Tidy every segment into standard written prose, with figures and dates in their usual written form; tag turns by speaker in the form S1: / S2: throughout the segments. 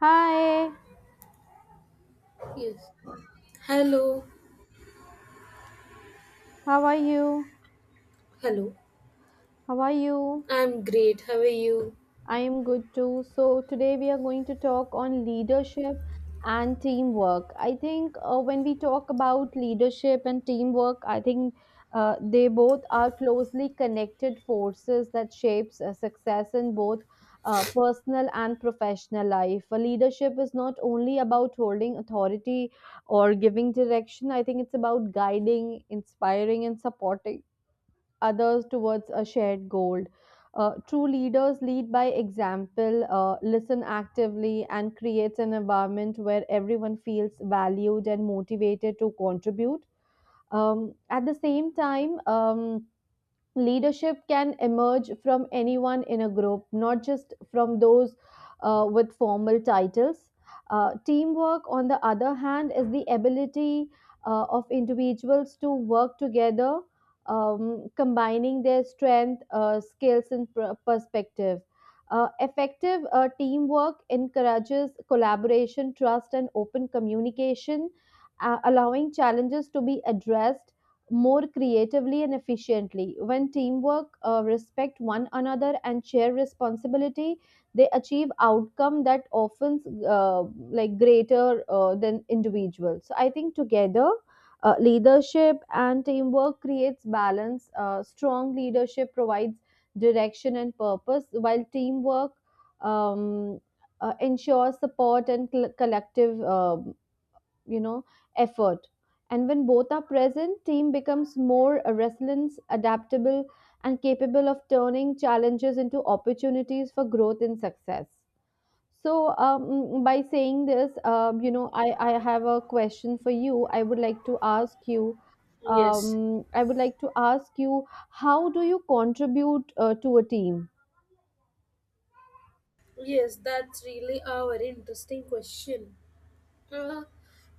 S1: Hi,
S2: Yes. Hello.
S1: how are you?
S2: Hello.
S1: How are you?
S2: I'm great. How are you?
S1: I am good too. So, today we are going to talk on leadership and teamwork. I think When we talk about leadership and teamwork, I think they both are closely connected forces that shapes success in both personal and professional life. Leadership is not only about holding authority or giving direction. I think it's about guiding, inspiring, and supporting others towards a shared goal. True leaders lead by example, listen actively, and creates an environment where everyone feels valued and motivated to contribute. At the same time, leadership can emerge from anyone in a group, not just from those with formal titles. Teamwork, on the other hand, is the ability of individuals to work together, combining their strength, skills, and perspective. Effective teamwork encourages collaboration, trust, and open communication, allowing challenges to be addressed more creatively and efficiently. When teamwork respect one another and share responsibility, they achieve outcome that often uh, like greater than individuals. So I think together, leadership and teamwork creates balance. Strong leadership provides direction and purpose, while teamwork um, ensures support and collective you know effort. And when both are present, team becomes more resilient, adaptable, and capable of turning challenges into opportunities for growth and success. So by saying this, I have a question for you. I would like to ask you,
S2: Yes.
S1: I would like to ask you, how do you contribute to a team?
S2: Yes, that's really a very interesting question. Uh,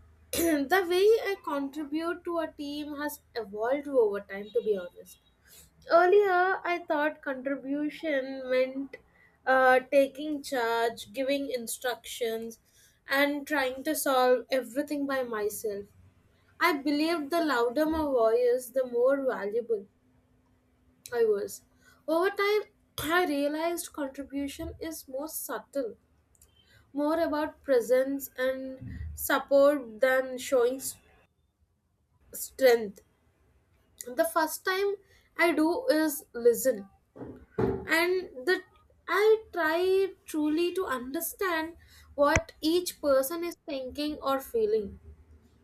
S2: the way I contribute to a team has evolved over time, to be honest. Earlier, I thought contribution meant taking charge, giving instructions, and trying to solve everything by myself. I believed the louder my voice, the more valuable I was. Over time, I realized contribution is more subtle, more about presence and support than showing strength. The first time I do is listen, and the I try truly to understand what each person is thinking or feeling.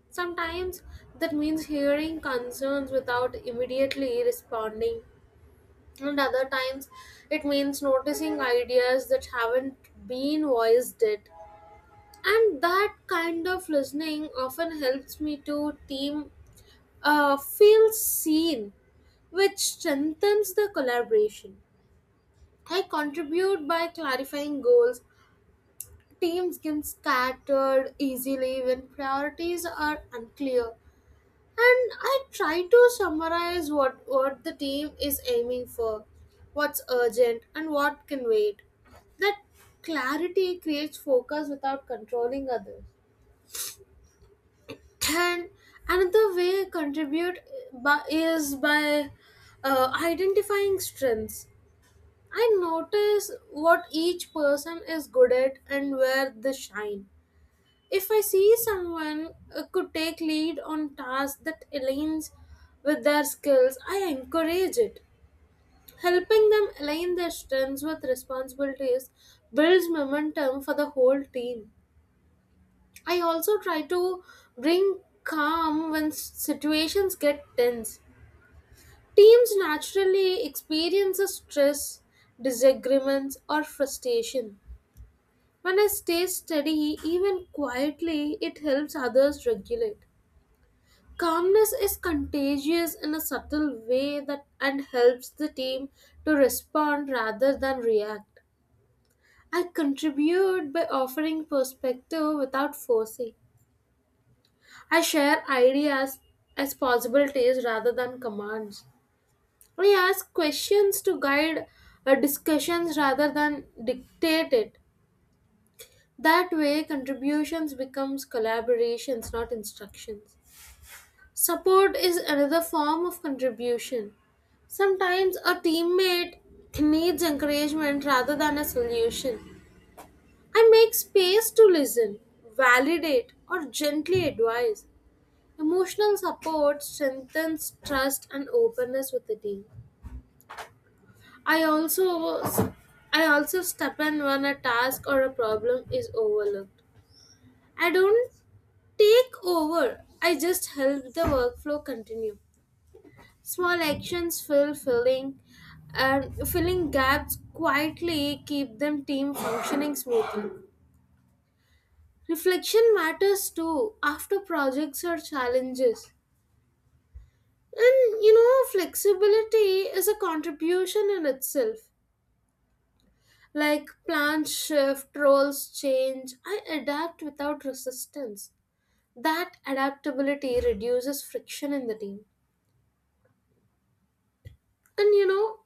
S2: Sometimes that means hearing concerns without immediately responding, and other times it means noticing ideas that haven't been voiced yet, and that kind of listening often helps me to team feel seen, which strengthens the collaboration. I contribute by clarifying goals. Teams get scattered easily when priorities are unclear. And I try to summarize what the team is aiming for, what's urgent, and what can wait. That clarity creates focus without controlling others. And another way contribute by, is by identifying strengths. I notice what each person is good at and where they shine. If I see someone could take lead on tasks that aligns with their skills, I encourage it. Helping them align their strengths with responsibilities builds momentum for the whole team. I also try to bring calm when situations get tense. Teams naturally experience stress, disagreements, or frustration. When I stay steady, even quietly, it helps others regulate. Calmness is contagious in a subtle way that and helps the team to respond rather than react. I contribute by offering perspective without forcing. I share ideas as possibilities rather than commands. I ask questions to guide discussions rather than dictate it. That way contributions becomes collaborations, not instructions. Support is another form of contribution. Sometimes a teammate needs encouragement rather than a solution. I make space to listen, validate, or gently advise. Emotional support strengthens trust and openness with the team. I also I also step in when a task or a problem is overlooked. I don't take over. I just help the workflow continue. Small actions filling and filling gaps quietly keep them team functioning smoothly. Reflection matters too after projects or challenges. And you know, flexibility is a contribution in itself. Like plans shift, roles change, I adapt without resistance. That adaptability reduces friction in the team. And you know,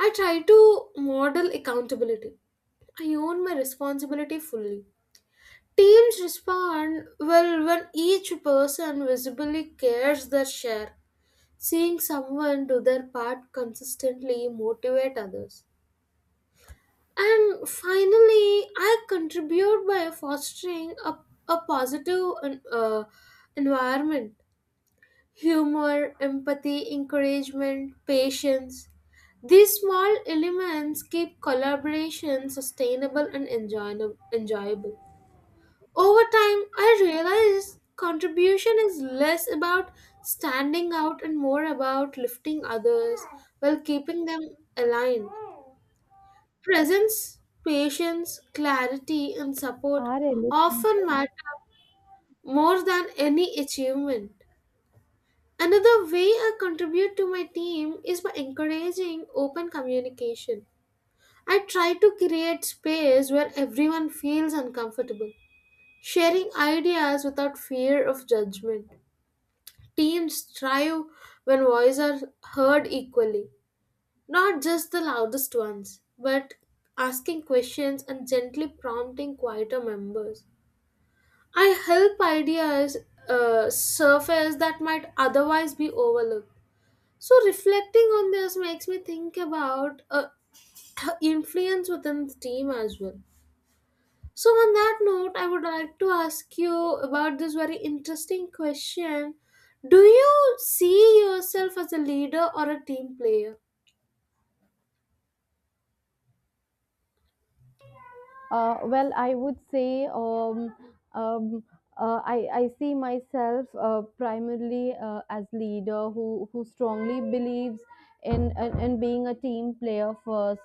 S2: I try to model accountability. I own my responsibility fully. Teams respond well when each person visibly cares their share. Seeing someone do their part consistently motivate others. And finally, I contribute by fostering a positive environment: humor, empathy, encouragement, patience. These small elements keep collaboration sustainable and enjoyable. Over time, I realized contribution is less about standing out and more about lifting others while keeping them aligned. Presence, patience, clarity, and support
S1: Are
S2: often matter more than any achievement. Another way I contribute to my team is by encouraging open communication. I try to create space where everyone feels uncomfortable, sharing ideas without fear of judgment. Teams thrive when voices are heard equally, not just the loudest ones, but asking questions and gently prompting quieter members. I help ideas surface that might otherwise be overlooked. So reflecting on this makes me think about influence within the team as well. So on that note, I would like to ask you about this very interesting question. Do you see yourself as a leader or a team player?
S1: Well, I would say um, I see myself primarily as leader who strongly believes in being a team player first.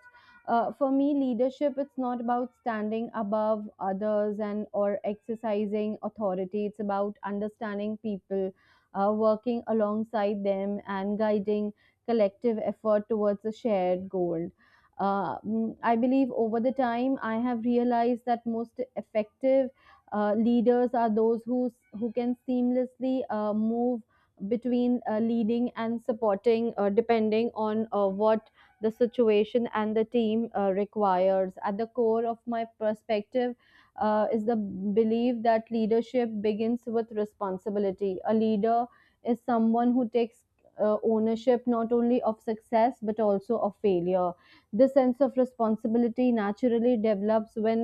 S1: For me, leadership it's not about standing above others and or exercising authority. It's about understanding people, working alongside them, and guiding collective effort towards a shared goal. I believe over the time, I have realized that most effective leaders are those who can seamlessly move between leading and supporting, depending on what the situation and the team requires. At the core of my perspective is the belief that leadership begins with responsibility. A leader is someone who takes ownership not only of success but also of failure. This sense of responsibility naturally develops when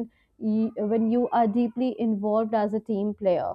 S1: when you are deeply involved as a team player,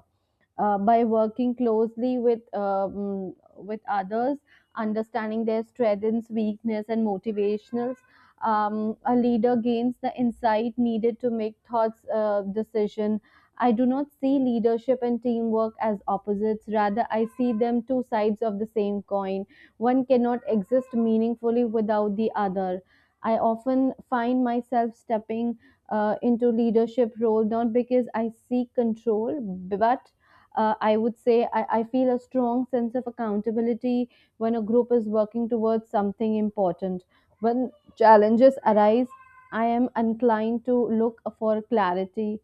S1: by working closely with others, understanding their strengths, weakness, and motivationals. A leader gains the insight needed to make thoughts decision. I do not see leadership and teamwork as opposites. Rather, I see them two sides of the same coin. One cannot exist meaningfully without the other. I often find myself stepping into leadership role not because I seek control, but I would say I feel a strong sense of accountability when a group is working towards something important. When challenges arise, I am inclined to look for clarity,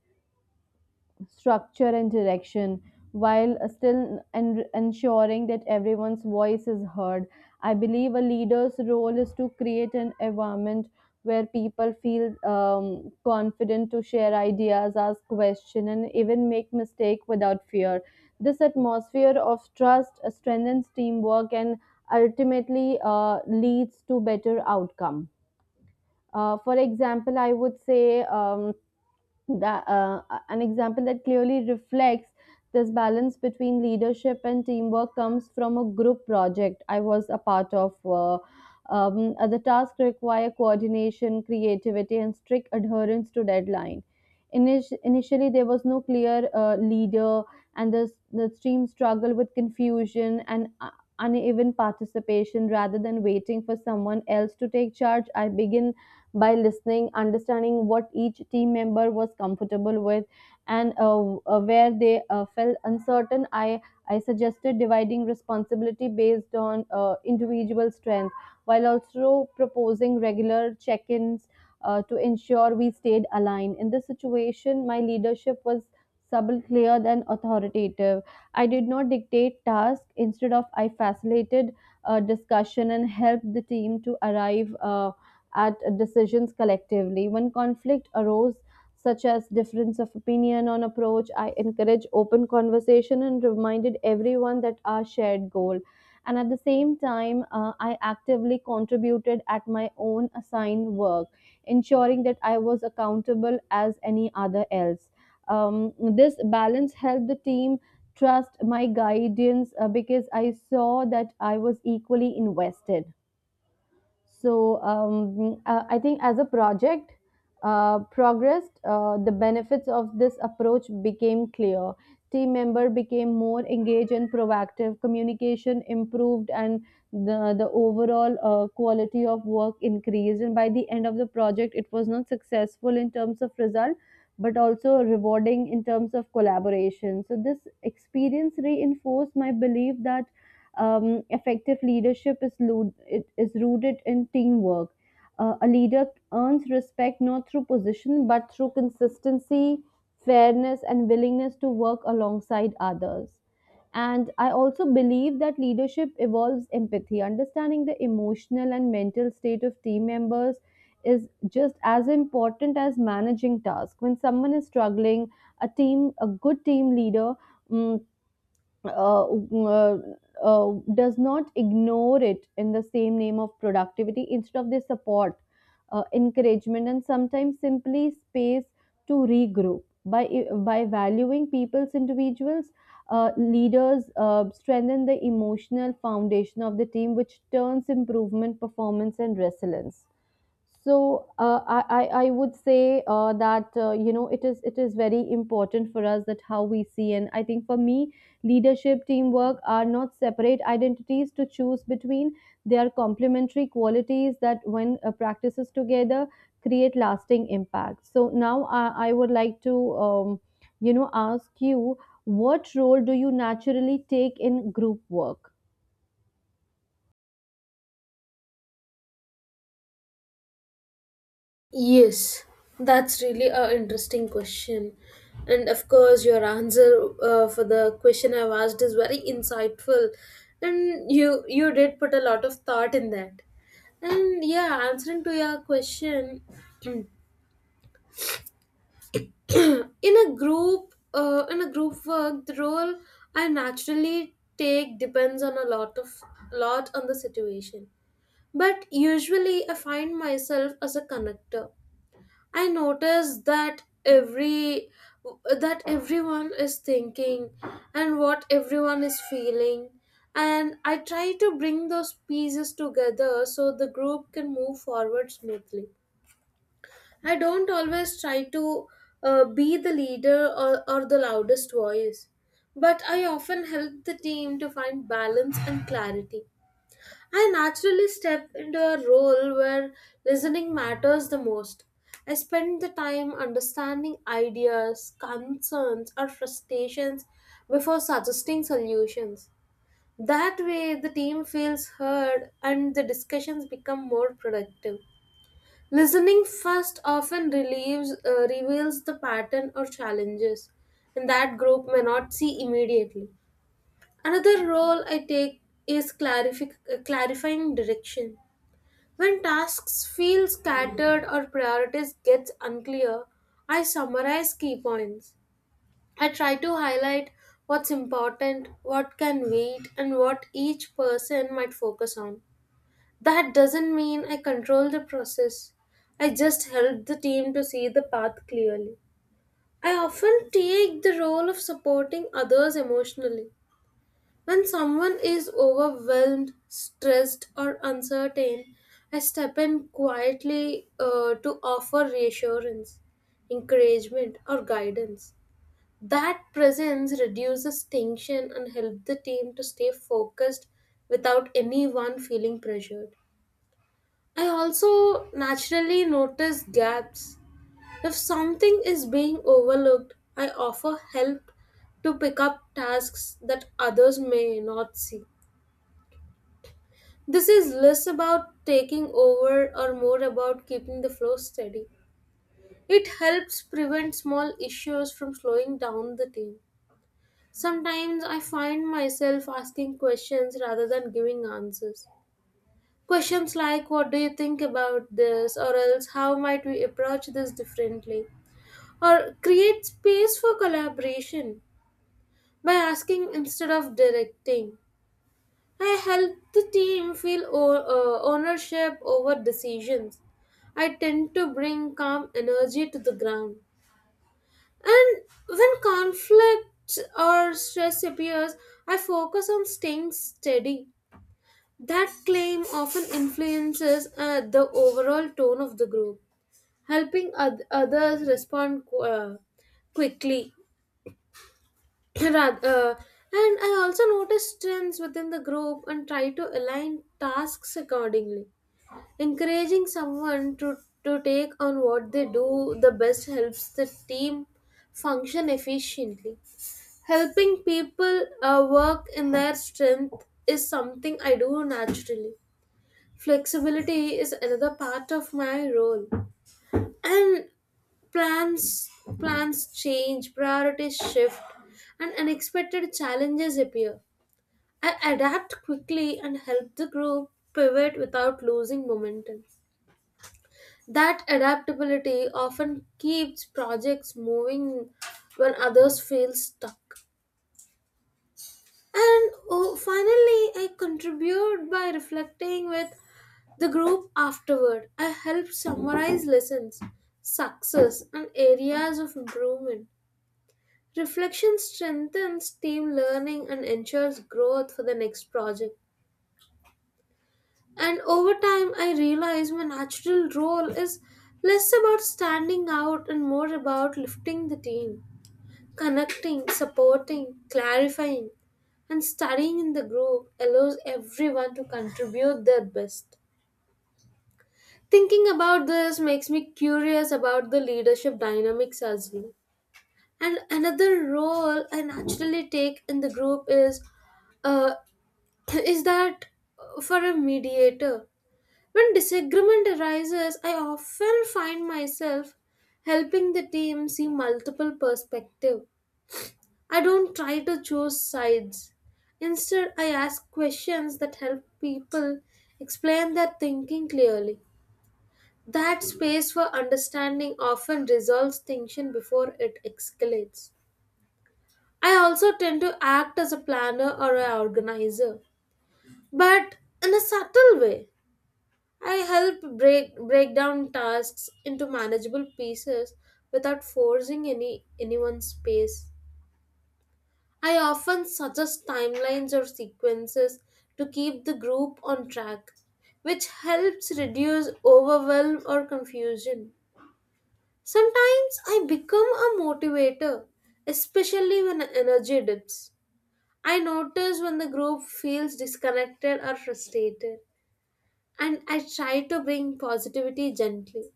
S1: structure and direction while still ensuring that everyone's voice is heard. I believe a leader's role is to create an environment where people feel confident to share ideas, ask questions, and even make mistakes without fear. This atmosphere of trust strengthens teamwork and ultimately leads to better outcome. For example, I would say that an example that clearly reflects this balance between leadership and teamwork comes from a group project I was a part of. The task require coordination, creativity, and strict adherence to deadline. Initially, there was no clear leader, and the team struggled with confusion and uneven participation. Rather than waiting for someone else to take charge, I began by listening, understanding what each team member was comfortable with, and where they felt uncertain. I suggested dividing responsibility based on individual strength, while also proposing regular check-ins to ensure we stayed aligned. In this situation, my leadership was subtle, clear, and authoritative. I did not dictate tasks. Instead of, I facilitated discussion and helped the team to arrive at decisions collectively. When conflict arose, such as difference of opinion on approach, I encouraged open conversation and reminded everyone that our shared goal. And at the same time, I actively contributed at my own assigned work, ensuring that I was accountable as any other else. This balance helped the team trust my guidance because I saw that I was equally invested. So I think as a project progressed, the benefits of this approach became clear. Team member became more engaged and proactive. Communication improved, and the overall quality of work increased. And by the end of the project, it was not successful in terms of result, but also rewarding in terms of collaboration. So this experience reinforced my belief that effective leadership is, it is rooted in teamwork. A leader earns respect not through position but through consistency, fairness, and willingness to work alongside others. And I also believe that leadership evolves empathy. Understanding the emotional and mental state of team members is just as important as managing tasks. When someone is struggling, a team, a good team leader, mm, uh, uh, does not ignore it in the same name of productivity instead of the support, encouragement, and sometimes simply space to regroup. By by valuing people's individuals, leaders strengthen the emotional foundation of the team, which turns improvement performance and resilience. So I would say that you know, it is very important for us that how we see, and I think for me leadership teamwork are not separate identities to choose between. They are complementary qualities that when practices together create lasting impact. So now I would like to um, you know, ask you, what role do you naturally take in group work?
S2: Yes, that's really an interesting question. And of course, your answer for the question I've asked is very insightful. And you did put a lot of thought in that. And yeah, answering to your question, in a group in a group work, the role I naturally take depends on a lot on the situation. But usually I find myself as a connector. I notice that every that everyone is thinking and what everyone is feeling, and I try to bring those pieces together so the group can move forward smoothly. I don't always try to be the leader or the loudest voice, but I often help the team to find balance and clarity. I naturally step into a role where listening matters the most. I spend the time understanding ideas, concerns, or frustrations before suggesting solutions. That way, the team feels heard and the discussions become more productive. Listening first often reveals the pattern or challenges, and that group may not see immediately. Another role I take is clarifying direction. When tasks feel scattered or priorities get unclear, I summarize key points. I try to highlight what's important, what can wait, and what each person might focus on. That doesn't mean I control the process. I just help the team to see the path clearly. I often take the role of supporting others emotionally. When someone is overwhelmed, stressed, or uncertain, I step in quietly to offer reassurance, encouragement, or guidance. That presence reduces tension and helps the team to stay focused without anyone feeling pressured. I also naturally notice gaps. If something is being overlooked, I offer help to pick up tasks that others may not see. This is less about taking over or more about keeping the flow steady. It helps prevent small issues from slowing down the team. Sometimes I find myself asking questions rather than giving answers. Questions like, "What do you think about this?" or else, "How might we approach this differently?" Or create space for collaboration by asking instead of directing. I help the team feel ownership over decisions. I tend to bring calm energy to the ground. And when conflict or stress appears, I focus on staying steady. That claim often influences the overall tone of the group, helping others respond quickly. Rath- uh, and I also notice trends within the group and try to align tasks accordingly. Encouraging someone to take on what they do the best helps the team function efficiently. Helping people work in their strength is something I do naturally. Flexibility is another part of my role. And plans plans change, priorities shift, and unexpected challenges appear. I adapt quickly and help the group pivot without losing momentum. That adaptability often keeps projects moving when others feel stuck. And oh, finally, I contribute by reflecting with the group afterward. I help summarize lessons, success, and areas of improvement. Reflection strengthens team learning and ensures growth for the next project. And over time, I realize my natural role is less about standing out and more about lifting the team. Connecting, supporting, clarifying, and studying in the group allows everyone to contribute their best. Thinking about this makes me curious about the leadership dynamics as well. And another role I naturally take in the group is uh, is that for a mediator. When disagreement arises, I often find myself helping the team see multiple perspectives. I don't try to choose sides. Instead, I ask questions that help people explain their thinking clearly. That space for understanding often resolves tension before it escalates. I also tend to act as a planner or an organizer, but in a subtle way. I help break down tasks into manageable pieces without forcing anyone's pace. I often suggest timelines or sequences to keep the group on track, which helps reduce overwhelm or confusion. Sometimes I become a motivator, especially when energy dips. I notice when the group feels disconnected or frustrated, and I try to bring positivity gently.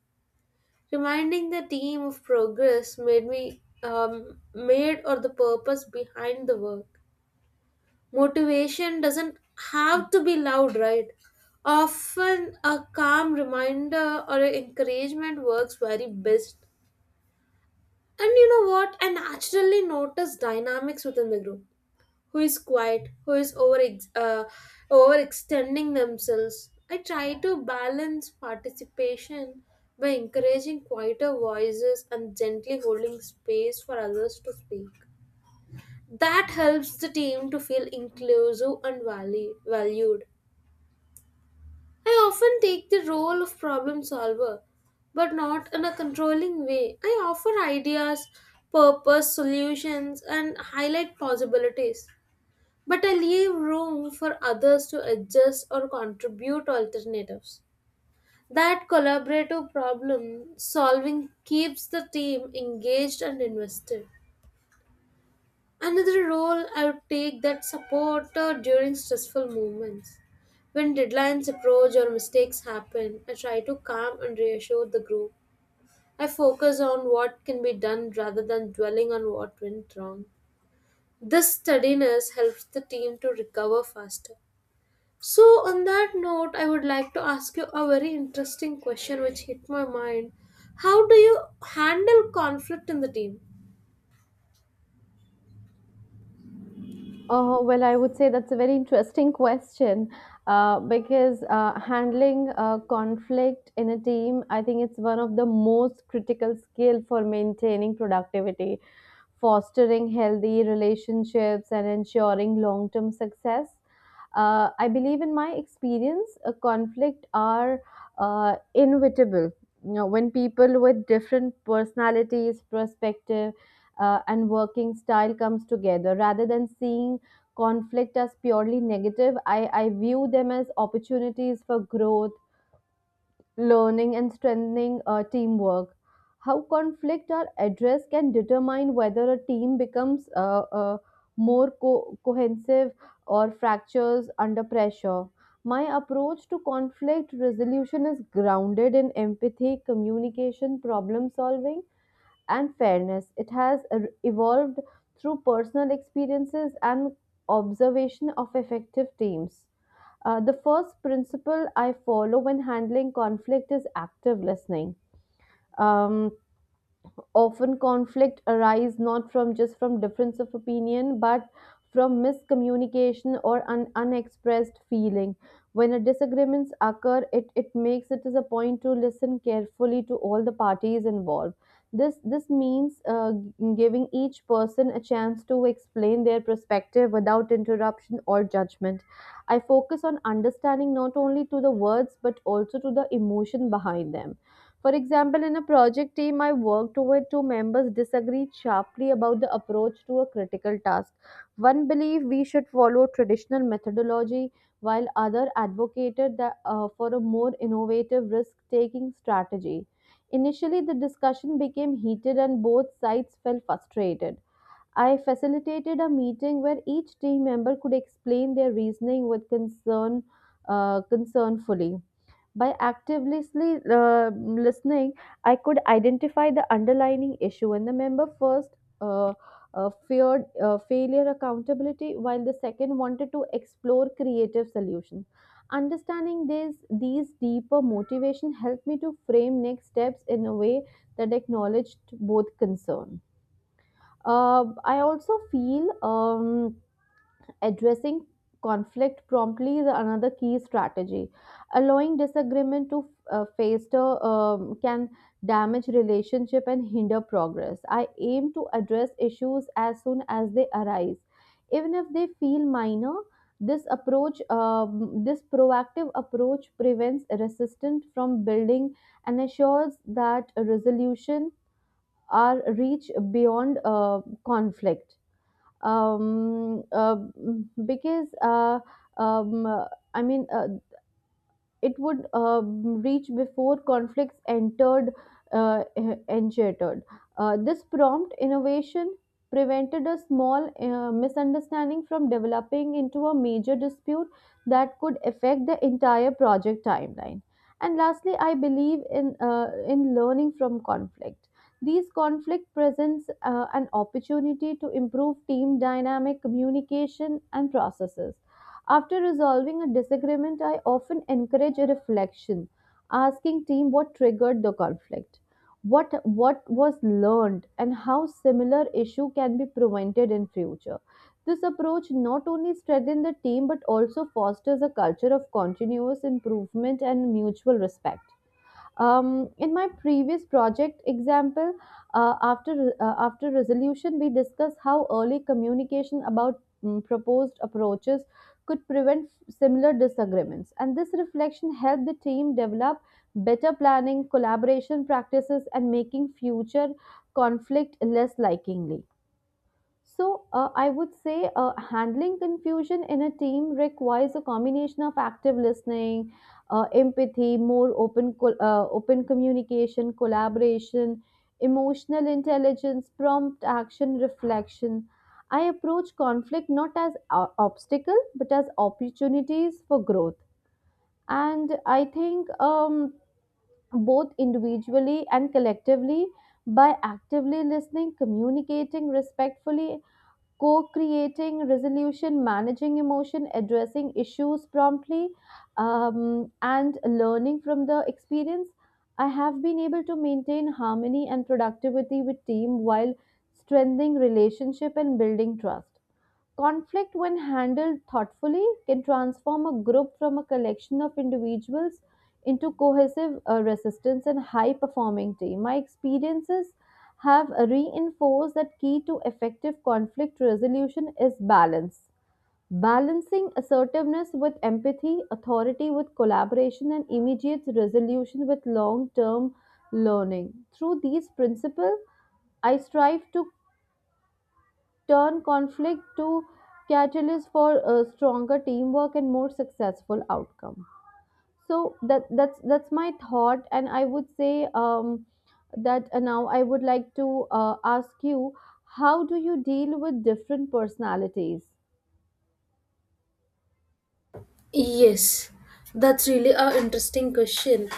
S2: Reminding the team of progress made me made or the purpose behind the work. Motivation doesn't have to be loud, right? Often a calm reminder or an encouragement works very best. And you know what? I naturally notice dynamics within the group. Who is quiet? Who is uh, overextending themselves? I try to balance participation by encouraging quieter voices and gently holding space for others to speak. That helps the team to feel inclusive and valued. I often take the role of problem solver, but not in a controlling way. I offer ideas, purpose, solutions, and highlight possibilities. But I leave room for others to adjust or contribute alternatives. That collaborative problem solving keeps the team engaged and invested. Another role I would take that support during stressful moments. When deadlines approach or mistakes happen, I try to calm and reassure the group. I focus on what can be done rather than dwelling on what went wrong. This steadiness helps the team to recover faster. So, on that note, I would like to ask you a very interesting question which hit my mind. How do you handle conflict in the team?
S1: Oh well, I would say that's a very interesting question because handling conflict in a team, I think it's one of the most critical skill for maintaining productivity, fostering healthy relationships, and ensuring long-term success. I believe, in my experience, a conflict are inevitable. You know, when people with different personalities, perspective, and working style comes together rather than seeing conflict as purely negative. I view them as opportunities for growth, learning, and strengthening teamwork. How conflict are addressed can determine whether a team becomes more cohesive or fractures under pressure. My approach to conflict resolution is grounded in empathy, communication, problem solving, and fairness. It has evolved through personal experiences and observation of effective teams. The first principle I follow when handling conflict is active listening. Um, Often conflict arise not from just from difference of opinion but from miscommunication or an unexpressed feeling. When a disagreements occur, it makes it as a point to listen carefully to all the parties involved. This means giving each person a chance to explain their perspective without interruption or judgment. I focus on understanding not only to the words but also to the emotion behind them. For example, in a project team I worked where two members disagreed sharply about the approach to a critical task. One believed we should follow traditional methodology, while other advocated that, for a more innovative risk-taking strategy. Initially, the discussion became heated and both sides felt frustrated. I facilitated a meeting where each team member could explain their reasoning with concern, concernfully. By actively listening, I could identify the underlying issue, and the member first uh, feared failure accountability, while the second wanted to explore creative solutions. Understanding these deeper motivation helped me to frame next steps in a way that acknowledged both concerns. I also feel addressing conflict promptly is another key strategy. Allowing disagreement to fester can damage relationship and hinder progress. I aim to address issues as soon as they arise, even if they feel minor. This approach, this proactive approach, prevents resistance from building and ensures that a resolution are reached beyond conflict, um, uh, because um, uh, I mean, uh, it would reach before conflicts entered, uh, engendered. This prompt innovation prevented a small misunderstanding from developing into a major dispute that could affect the entire project timeline. And lastly, I believe in learning from conflict. These conflict presents an opportunity to improve team dynamic, communication, and processes. After resolving a disagreement, I often encourage a reflection, asking team what triggered the conflict, what was learned, and how similar issue can be prevented in future. This approach not only strengthens the team but also fosters a culture of continuous improvement and mutual respect. In my previous project example, after after resolution, we discussed how early communication about proposed approaches could prevent similar disagreements, and this reflection helped the team develop better planning, collaboration practices, and making future conflict less likely. So, I would say handling confusion in a team requires a combination of active listening, empathy, more open, open communication, collaboration, emotional intelligence, prompt action, reflection. I approach conflict not as obstacle but as opportunities for growth. And I think both individually and collectively, by actively listening, communicating respectfully, co-creating resolution, managing emotion, addressing issues promptly, and learning from the experience, I have been able to maintain harmony and productivity with team while strengthening relationship and building trust. Conflict, when handled thoughtfully, can transform a group from a collection of individuals into cohesive resistance and high performing team. My experiences have reinforced that key to effective conflict resolution is balance. Balancing assertiveness with empathy, authority with collaboration, and immediate resolution with long term learning. Through these principles, I strive to turn conflict to catalyst for a stronger teamwork and more successful outcome. So that's my thought, and I would say that now I would like to ask you, how do you deal with different personalities?
S2: Yes, that's really an interesting question.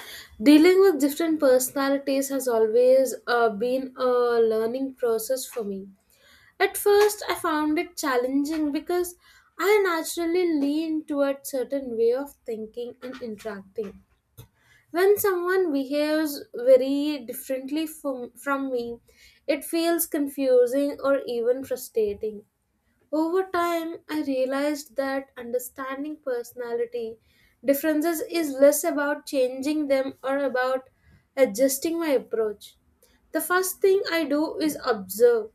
S2: Dealing with different personalities has always been a learning process for me. At first, I found it challenging because I naturally lean toward certain way of thinking and interacting. When someone behaves very differently from me, it feels confusing or even frustrating. Over time, I realized that understanding personality differences is less about changing them or about adjusting my approach. The first thing I do is observe.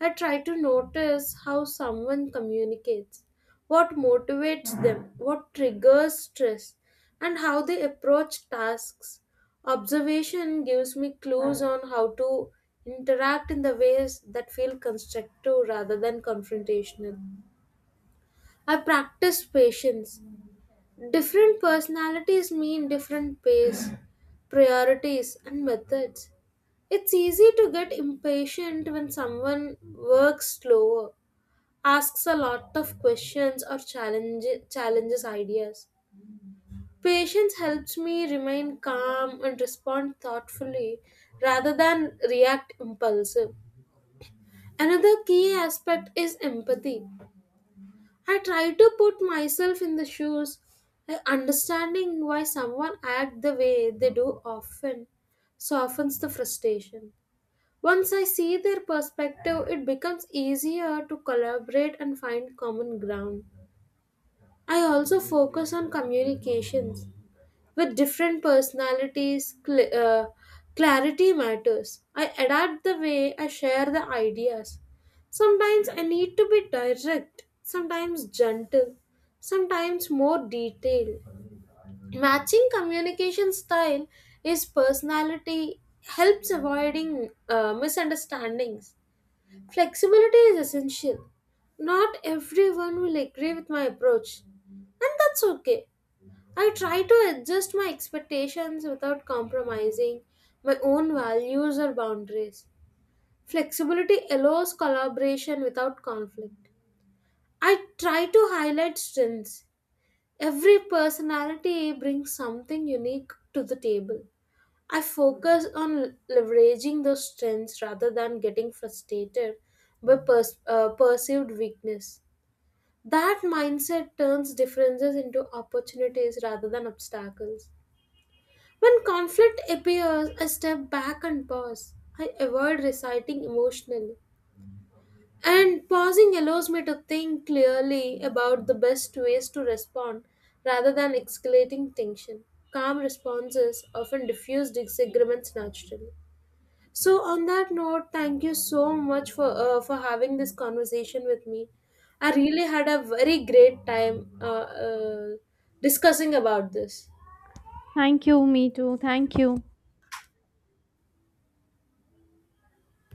S2: I try to notice how someone communicates, what motivates them, what triggers stress, and how they approach tasks. Observation gives me clues on how to interact in the ways that feel constructive rather than confrontational. I practice patience. Different personalities mean different pace, priorities, and methods. It's easy to get impatient when someone works slower, asks a lot of questions, or challenges ideas. Patience helps me remain calm and respond thoughtfully rather than react impulsive. Another key aspect is empathy. I try to put myself in the shoes, like understanding why someone acts the way they do often softens the frustration. Once I see their perspective, it becomes easier to collaborate and find common ground. I also focus on communications with different personalities. Clarity matters. I adapt the way I share the ideas. Sometimes I need to be direct, sometimes gentle, sometimes more detailed. Matching communication style is personality helps avoiding misunderstandings. Flexibility is essential. Not everyone will agree with my approach, and that's okay. I try to adjust my expectations without compromising my own values or boundaries. Flexibility allows collaboration without conflict. I try to highlight strengths. Every personality brings something unique to the table. I focus on leveraging those strengths rather than getting frustrated by perceived weakness. That mindset turns differences into opportunities rather than obstacles. When conflict appears, I step back and pause. I avoid reciting emotionally. And pausing allows me to think clearly about the best ways to respond rather than escalating tension. Calm responses often diffuse disagreements naturally. So, on that note, thank you so much for having this conversation with me. I really had a very great time uh, discussing about this.
S1: Thank you, me too, thank you.